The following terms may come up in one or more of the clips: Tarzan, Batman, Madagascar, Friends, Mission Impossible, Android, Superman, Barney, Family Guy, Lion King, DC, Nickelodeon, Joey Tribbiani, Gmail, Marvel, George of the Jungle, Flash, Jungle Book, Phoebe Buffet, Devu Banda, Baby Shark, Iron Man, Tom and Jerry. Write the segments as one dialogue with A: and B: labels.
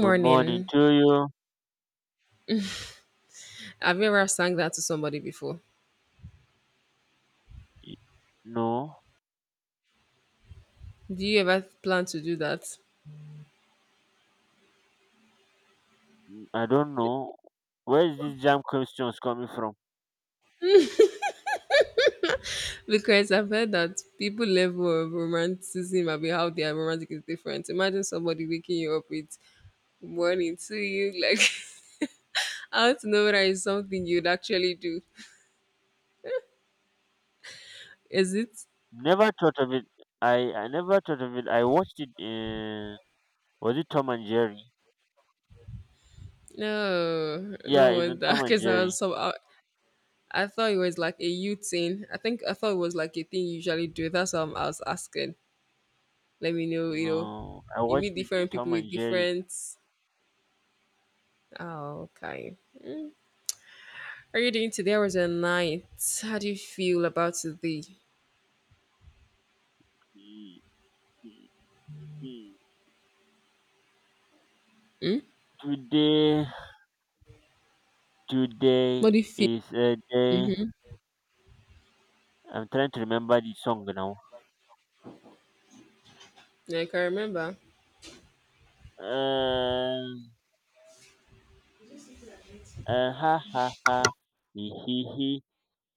A: Good morning to you.
B: Have you ever sang that to somebody before?
A: Y- No,
B: Do you ever plan to do that?
A: I don't know. Where is this jam questions coming from?
B: Because I've heard that people level of romanticism about how they are romantic is different. Imagine somebody waking you up with morning to you, like I how to know whether it's something you'd actually do. Is it?
A: Never thought of it. I never thought of it. I watched it in was it Tom and Jerry?
B: No,
A: Yeah,
B: no
A: it's in
B: wonder.
A: Tom and
B: Because I
A: Jerry.
B: was so I thought it was like a you thing. I think I thought it was like a thing you usually do. That's what I was asking. Let me know.
A: No, I
B: You
A: watched
B: meet
A: it in
B: different people
A: Tom and
B: with
A: Jerry.
B: different. Oh, okay. Are you doing today was a night? How do you feel about today?
A: Mm, mm, mm. Today, Today
B: What do you feel?
A: is a day. I'm trying to remember the song now.
B: I can remember.
A: Uh, ha ha ha, hee hee hee.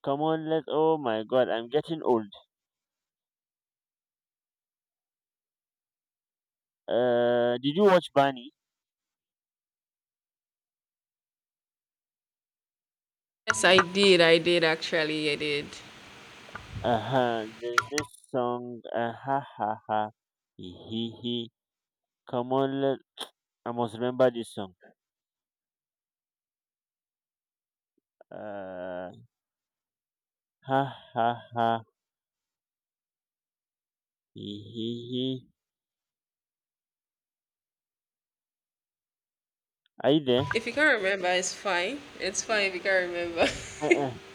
A: Come on, let's. Oh my God, I'm getting old. Did you watch Barney?
B: Yes, I did. I did actually. I did.
A: Uh huh. There's this song. Ha ha ha. He he. He. Come on, let. I must remember this song. Uh ha ha ha. He he. He. Are you there?
B: If you can't remember, it's fine. It's fine if you can't remember.
A: Uh uh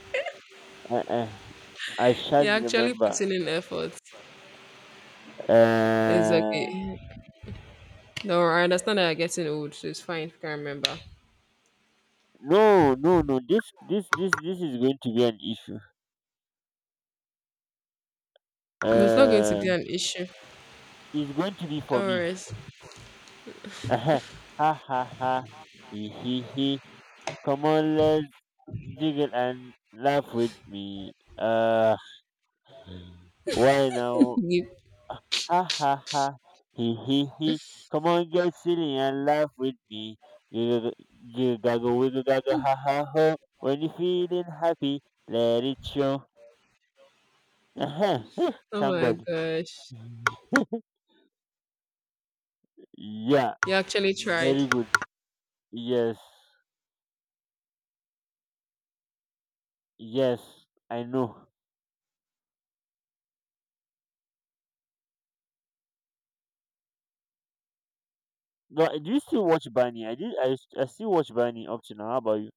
A: uh uh. I shall
B: You're actually
A: remember.
B: putting in effort. It's
A: Uh,
B: okay. No, I understand that you're getting old, so it's fine if you can't remember.
A: no, no, no. This is going to be an issue.
B: It's not going to
A: Uh,
B: be an issue.
A: it's going to be
B: No
A: for me.
B: worries.
A: Uh-huh. Ha ha ha. Hee hee hee. Come on, let's jiggle and laugh with me. Why now?
B: You-
A: Ha ha ha. Hee hee hee. Come on, get silly and laugh with me. Giggle, giggle, gaggle, wiggle, gaggle, ha ha ho. When you're feeling happy, let it show. Uh-huh.
B: Oh
A: Thank
B: my
A: God.
B: gosh.
A: Yeah,
B: You actually tried.
A: very good. Yes, yes, I know. But do you still watch Barney? I did. I still watch Barney up to now. How about you?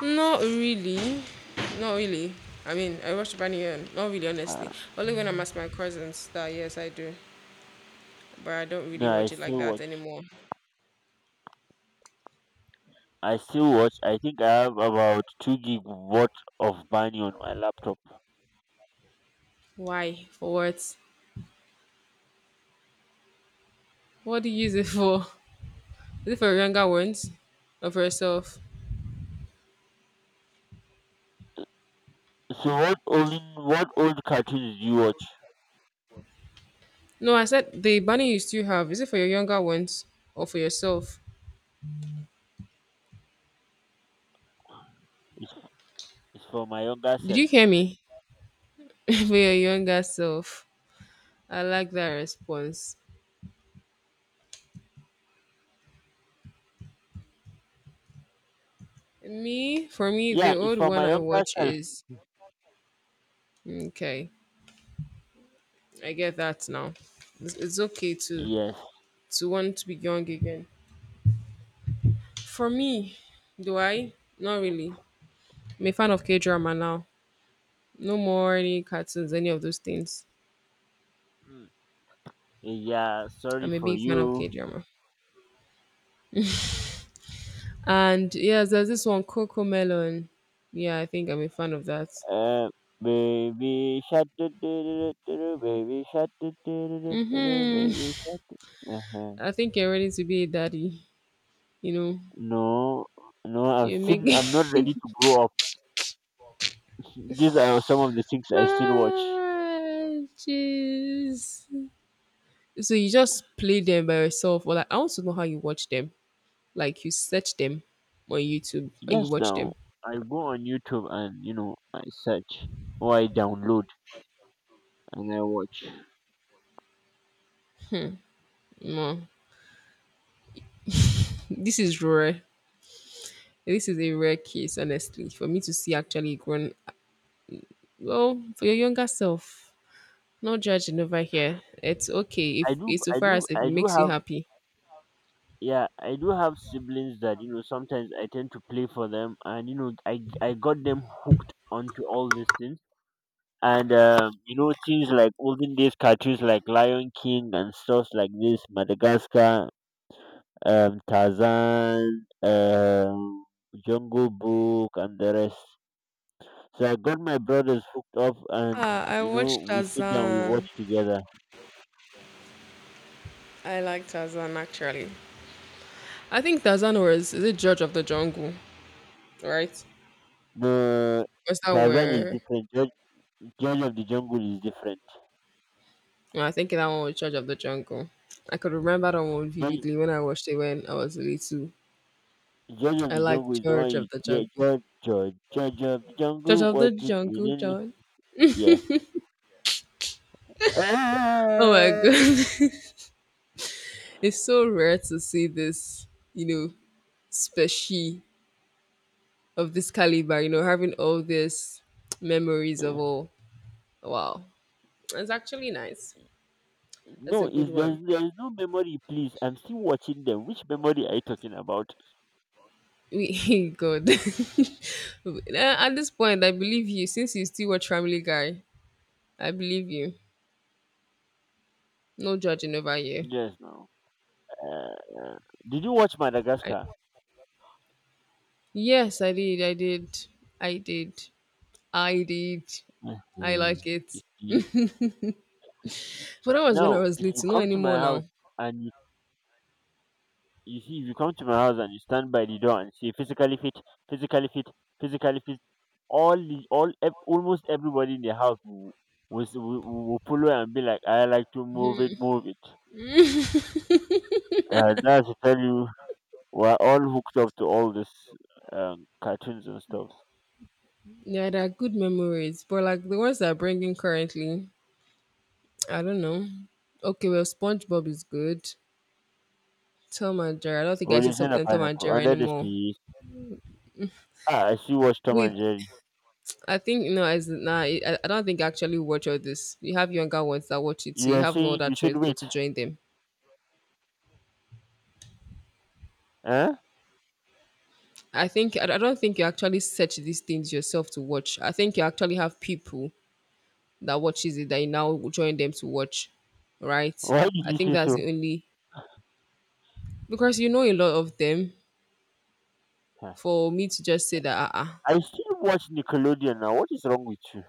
B: Not really. Not really. I mean, I watch Banyan. Not really,
A: Uh,
B: honestly. Only when I'm at my cousins that, yes, I do. But I don't really
A: no, I
B: watch it like
A: still
B: that
A: watch.
B: anymore.
A: I still watch. I think I have about two gig worth of Barney on my laptop.
B: Why? For what? What do you use it for? Is it for your younger ones? Or for yourself?
A: So what old cartoons do you watch?
B: No, I said the bunny you still have. Is it for your younger ones? Or for yourself?
A: It's, it's for my younger
B: Did
A: self.
B: you hear me? For your younger self. I like that response. Me, for me, the
A: Yeah, it's
B: old
A: for
B: one
A: my
B: I
A: younger
B: watch
A: self.
B: is. Okay. I get that now. It's okay to
A: Yes.
B: to want to be young again. For me, do I? Not really. I'm a fan of K drama now. No more any cartoons, any of those things.
A: Mm. Yeah. Sorry
B: I'm a
A: for
B: big fan of
A: you.
B: K drama. And yes, there's this one, Coco Melon. Yeah, I think I'm a fan of that.
A: Uh, Baby shark, do, do, do, do, do, do, baby shark, do, do, do, do, do, do,
B: Mm-hmm.
A: baby shark. Uh-huh.
B: I think you're ready to be a daddy. You know,
A: No, no, I've
B: you make.
A: seen. I'm not ready to grow up. These are some of the things I still watch.
B: Ah, Jeez. So you just play them by yourself, or like I want to know how you watch them. Like you search them on YouTube and you
A: Yes,
B: watch
A: now
B: them.
A: I go on YouTube and you know I search or I download and I watch.
B: No, this is rare. This is a rare case, honestly, for me to see actually grown. Well, for your younger self, no judging over here. It's okay if it's so far as if it
A: I do
B: makes you
A: have.
B: happy.
A: Yeah, I do have siblings that you know sometimes I tend to play for them, and you know I got them hooked onto all these things. And you know things like olden days cartoons like Lion King and stuff like this, Madagascar, Tarzan, Jungle Book, and the rest. So I got my brothers hooked up, and
B: Ah, I
A: you know
B: watched
A: we sit down, we
B: Tarzan.
A: watch together.
B: I like Tarzan actually. I think Tarzan was is it Judge of the Jungle, right?
A: No,
B: Was that
A: Tarzan is
B: where?
A: different. George of the Jungle is different.
B: No, I think that one was Judge of the Jungle. I could remember that one
A: George,
B: vividly when I watched it when I was little.
A: George of
B: I
A: the
B: like
A: Jungle is the one
B: George
A: you
B: of the
A: yeah,
B: Jungle.
A: George of the
B: George
A: Jungle.
B: of
A: What
B: the
A: did we
B: Jungle,
A: need?
B: John.
A: Yeah.
B: Oh my god. It's so rare to see this, you know, species of this caliber, having all these memories
A: Uh,
B: of all. Wow. It's actually nice. That's
A: No,
B: a good
A: is there's
B: one.
A: no memory, please. I'm still watching them. Which memory are you talking about?
B: We God. At this point, I believe you. Since you still watch Family Guy, I believe you. No judging over here.
A: Yes, no. Uh, did you watch
B: I,
A: Madagascar?
B: yes, I did. I did. I did. I did. I
A: Mhm.
B: like
A: You
B: it.
A: see,
B: But that was when I
A: now
B: was
A: if you
B: little, not
A: come to my
B: anymore
A: house
B: now.
A: and you see if you come to my house and you stand by the door and say physically fit, physically fit, physically fit, all the all ev- almost everybody in the house will follow and be like, I like to move it, move it. That's to tell you, we're all hooked up to all this cartoons and stuff.
B: Yeah, there are good memories, but like the ones that I'm bringing currently, I don't know. Okay, well, SpongeBob is good. Tom and Jerry, I don't think I see
A: Origin a
B: something Tom and
A: pineapple
B: Jerry
A: under the
B: anymore.
A: sea. Ah, I see. Watch Tom
B: With
A: and Jerry.
B: I think no, as nah, I don't think I actually watch all this. You have younger ones that watch it, so
A: You
B: you
A: are
B: have no
A: saying
B: other
A: you said
B: choice but
A: wait.
B: to join them.
A: Huh?
B: I think I don't think you actually search these things yourself to watch. I think you actually have people that watches it that you now join them to watch, right?
A: Why did
B: I
A: you
B: think
A: say
B: that's
A: so?
B: the only because a lot of them
A: Huh.
B: for me to just say that uh-uh.
A: I still watch Nickelodeon now. What is wrong with you?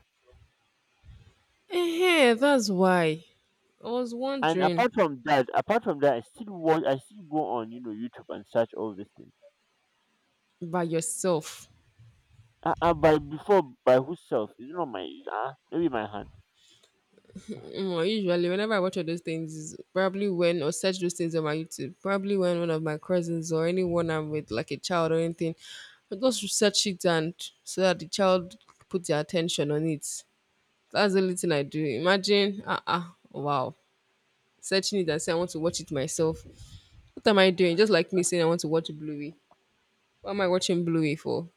B: Eh, that's why I was
A: And
B: wondering
A: apart from that, I still watch. I still go on, you know, YouTube and search all these things.
B: by yourself.
A: By by whose self? Is it not my? Maybe my hand.
B: Usually whenever I watch all those things is probably when or search those things on my YouTube, probably when one of my cousins or anyone I'm with like a child or anything, I just research it and so that the child put their attention on it. That's the only thing I do. Imagine. Uh-uh. Wow. Searching it and say I want to watch it myself. What am I doing? Just like me saying I want to watch Bluey. What am I watching Bluey for?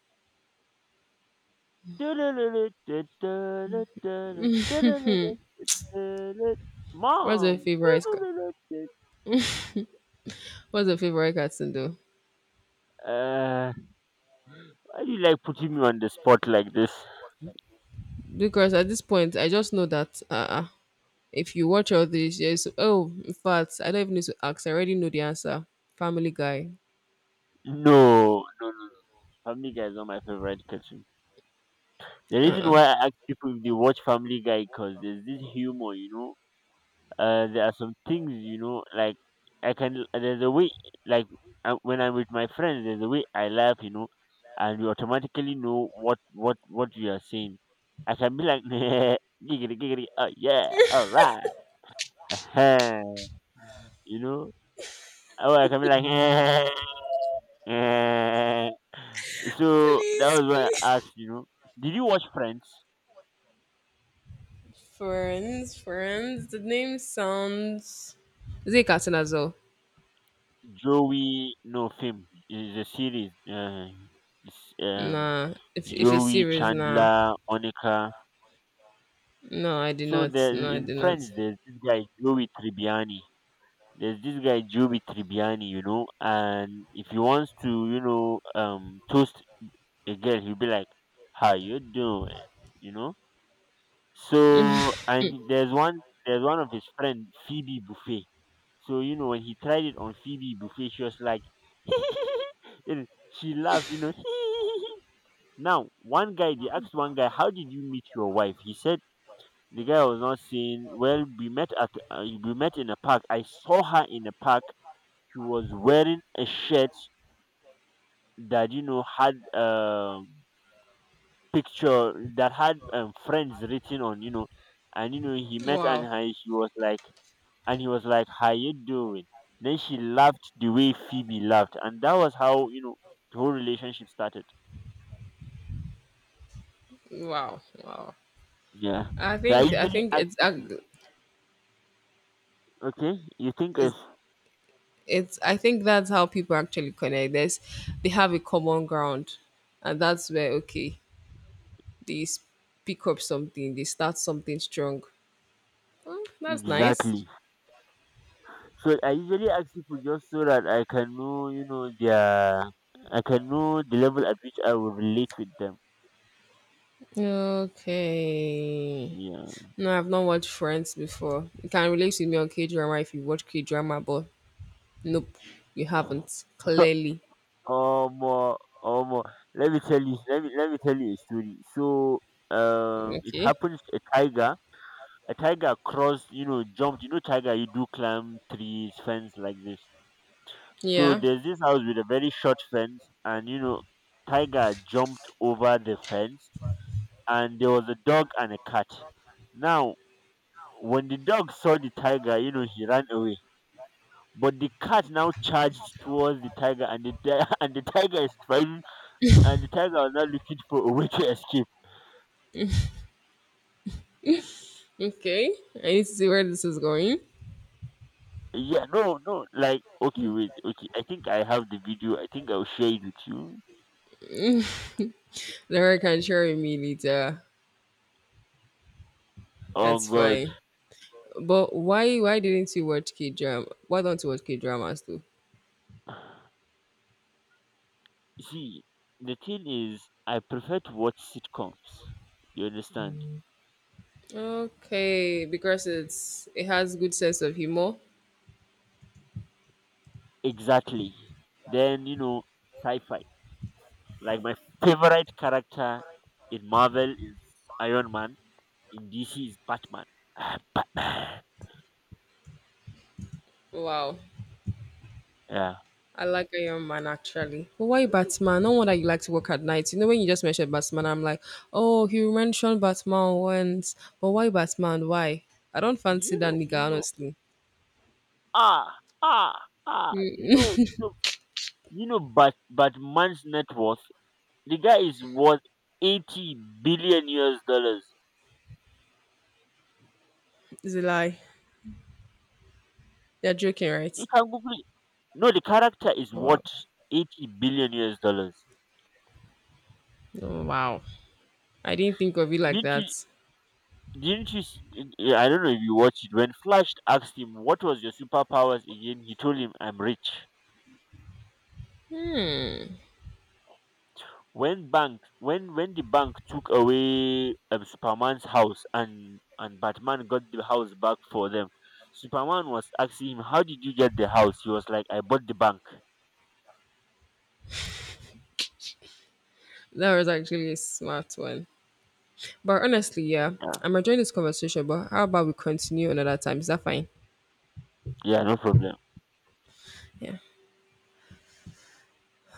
B: What's her
A: Mom.
B: favorite? ca- What's her favorite cartoon though?
A: Uh, why do you like putting me on the spot like this?
B: Because at this point, I just know that if you watch all this, yes. Oh, in fact, I don't even need to ask. I already know the answer. Family Guy.
A: No, no, no. Family Guy is not my favorite cartoon. The reason why
B: Uh-uh.
A: I ask people if they watch Family Guy because there's this humor, you know. There are some things, you know, like I can. There's a way, like when I'm with my friends, there's a way I laugh, you know, and you automatically know what we are saying. I can be like, giggity giggity, oh yeah, all right, uh-huh, you know. Oh, I can be like, eh. So that
B: Please,
A: was why I
B: please.
A: asked, you know, did you watch Friends?
B: Friends, friends. The name sounds. Is it a cartoon as well?
A: Joey no film is a series. S- um,
B: Nah. If it's
A: Joey
B: serious, nah.
A: Chandler, Monica.
B: No, I did
A: So
B: not.
A: there
B: No, I
A: in
B: did
A: Friends,
B: not.
A: there's this guy Joey Tribbiani. You know, and if he wants to, you know, toast a girl, he'll be like, "How you doing?" You know. So and there's one of his friend Phoebe Buffet. So you know when he tried it on Phoebe Buffet, she was like, and she laughed. You know. Now one guy, how did you meet your wife? He said the guy was not saying. Well, we met in a park. I saw her in a park. She was wearing a shirt that you know had picture that had friends written on, you know, and you know he met and
B: Wow,
A: hi- she was like, and he was like, "How you doing?" Then she laughed the way Phoebe laughed, and that was how you know the whole relationship started.
B: wow, wow.
A: Yeah.
B: I
A: So I
B: think I
A: usually
B: think
A: ask
B: it's
A: people, okay, you think it's
B: it's, I think, that's how people actually connect. There's they have a common ground and that's where, okay, they pick up something, they start something strong. Hmm, that's nice.
A: exactly. So I usually ask people just so that I can know, you know, I can know the level at which I will relate with them.
B: Okay.
A: Yeah.
B: No, I've not watched Friends before. You can relate with me on K-drama if you watch K-drama, but nope, you haven't clearly.
A: Um. Omo. Let me tell you a story. So, it
B: Okay.
A: happened. A tiger, crossed. You know, jumped. You know, tiger. You do climb trees, fence like this. So
B: Yeah.
A: there's this house with a very short fence, and you know, tiger jumped over the fence, and there was a dog and a cat. Now, when the dog saw the tiger, you know, he ran away. But the cat now charged towards the tiger, and and the tiger is fighting and the times I was not looking for a way to escape.
B: Okay, I need to see where this is going.
A: Yeah, no, no, like okay, wait, okay. I think I have the video. I think I'll share it with you.
B: Laura can share with me later.
A: Oh
B: That's
A: God,
B: fine. But why didn't you watch K drama? Why don't you watch K dramas too?
A: see, the thing is, I prefer to watch sitcoms. You understand?
B: Okay, because it has good sense of humor.
A: Exactly. Then you know, sci-fi. Like my favorite character in Marvel is Iron Man. In DC is Batman. Ah, Batman.
B: Wow.
A: Yeah.
B: I like a young man actually. But why Batman? No wonder you like to work at night. You know when you just mentioned Batman, I'm like, oh, he mentioned Batman once. But why Batman? Why? I don't
A: Do
B: fancy
A: you
B: that
A: know? Do you
B: nigga,
A: know?
B: honestly.
A: Ah, ah, ah. Do you know? Do you know? You know, but man's net worth, the guy is worth 80 billion US dollars.
B: It's a lie. They're joking,
A: You
B: right?
A: can Google it. No, the character is
B: Wow.
A: worth 80 billion US dollars.
B: Oh, wow. I didn't think of it like
A: Didn't you?
B: that.
A: Didn't you? Eh, I don't know if you watched it. When Flash asked him what was your superpowers again, he told him, "I'm rich." When the bank took away Superman's house and Batman got the house back for them, Superman was asking him, "How did you get the house?" He was like, "I bought the bank."
B: That was actually a smart one. But honestly, yeah,
A: Yeah,
B: I'm enjoying this conversation. But how about we continue another time? Is that fine?
A: yeah, no problem.
B: Yeah.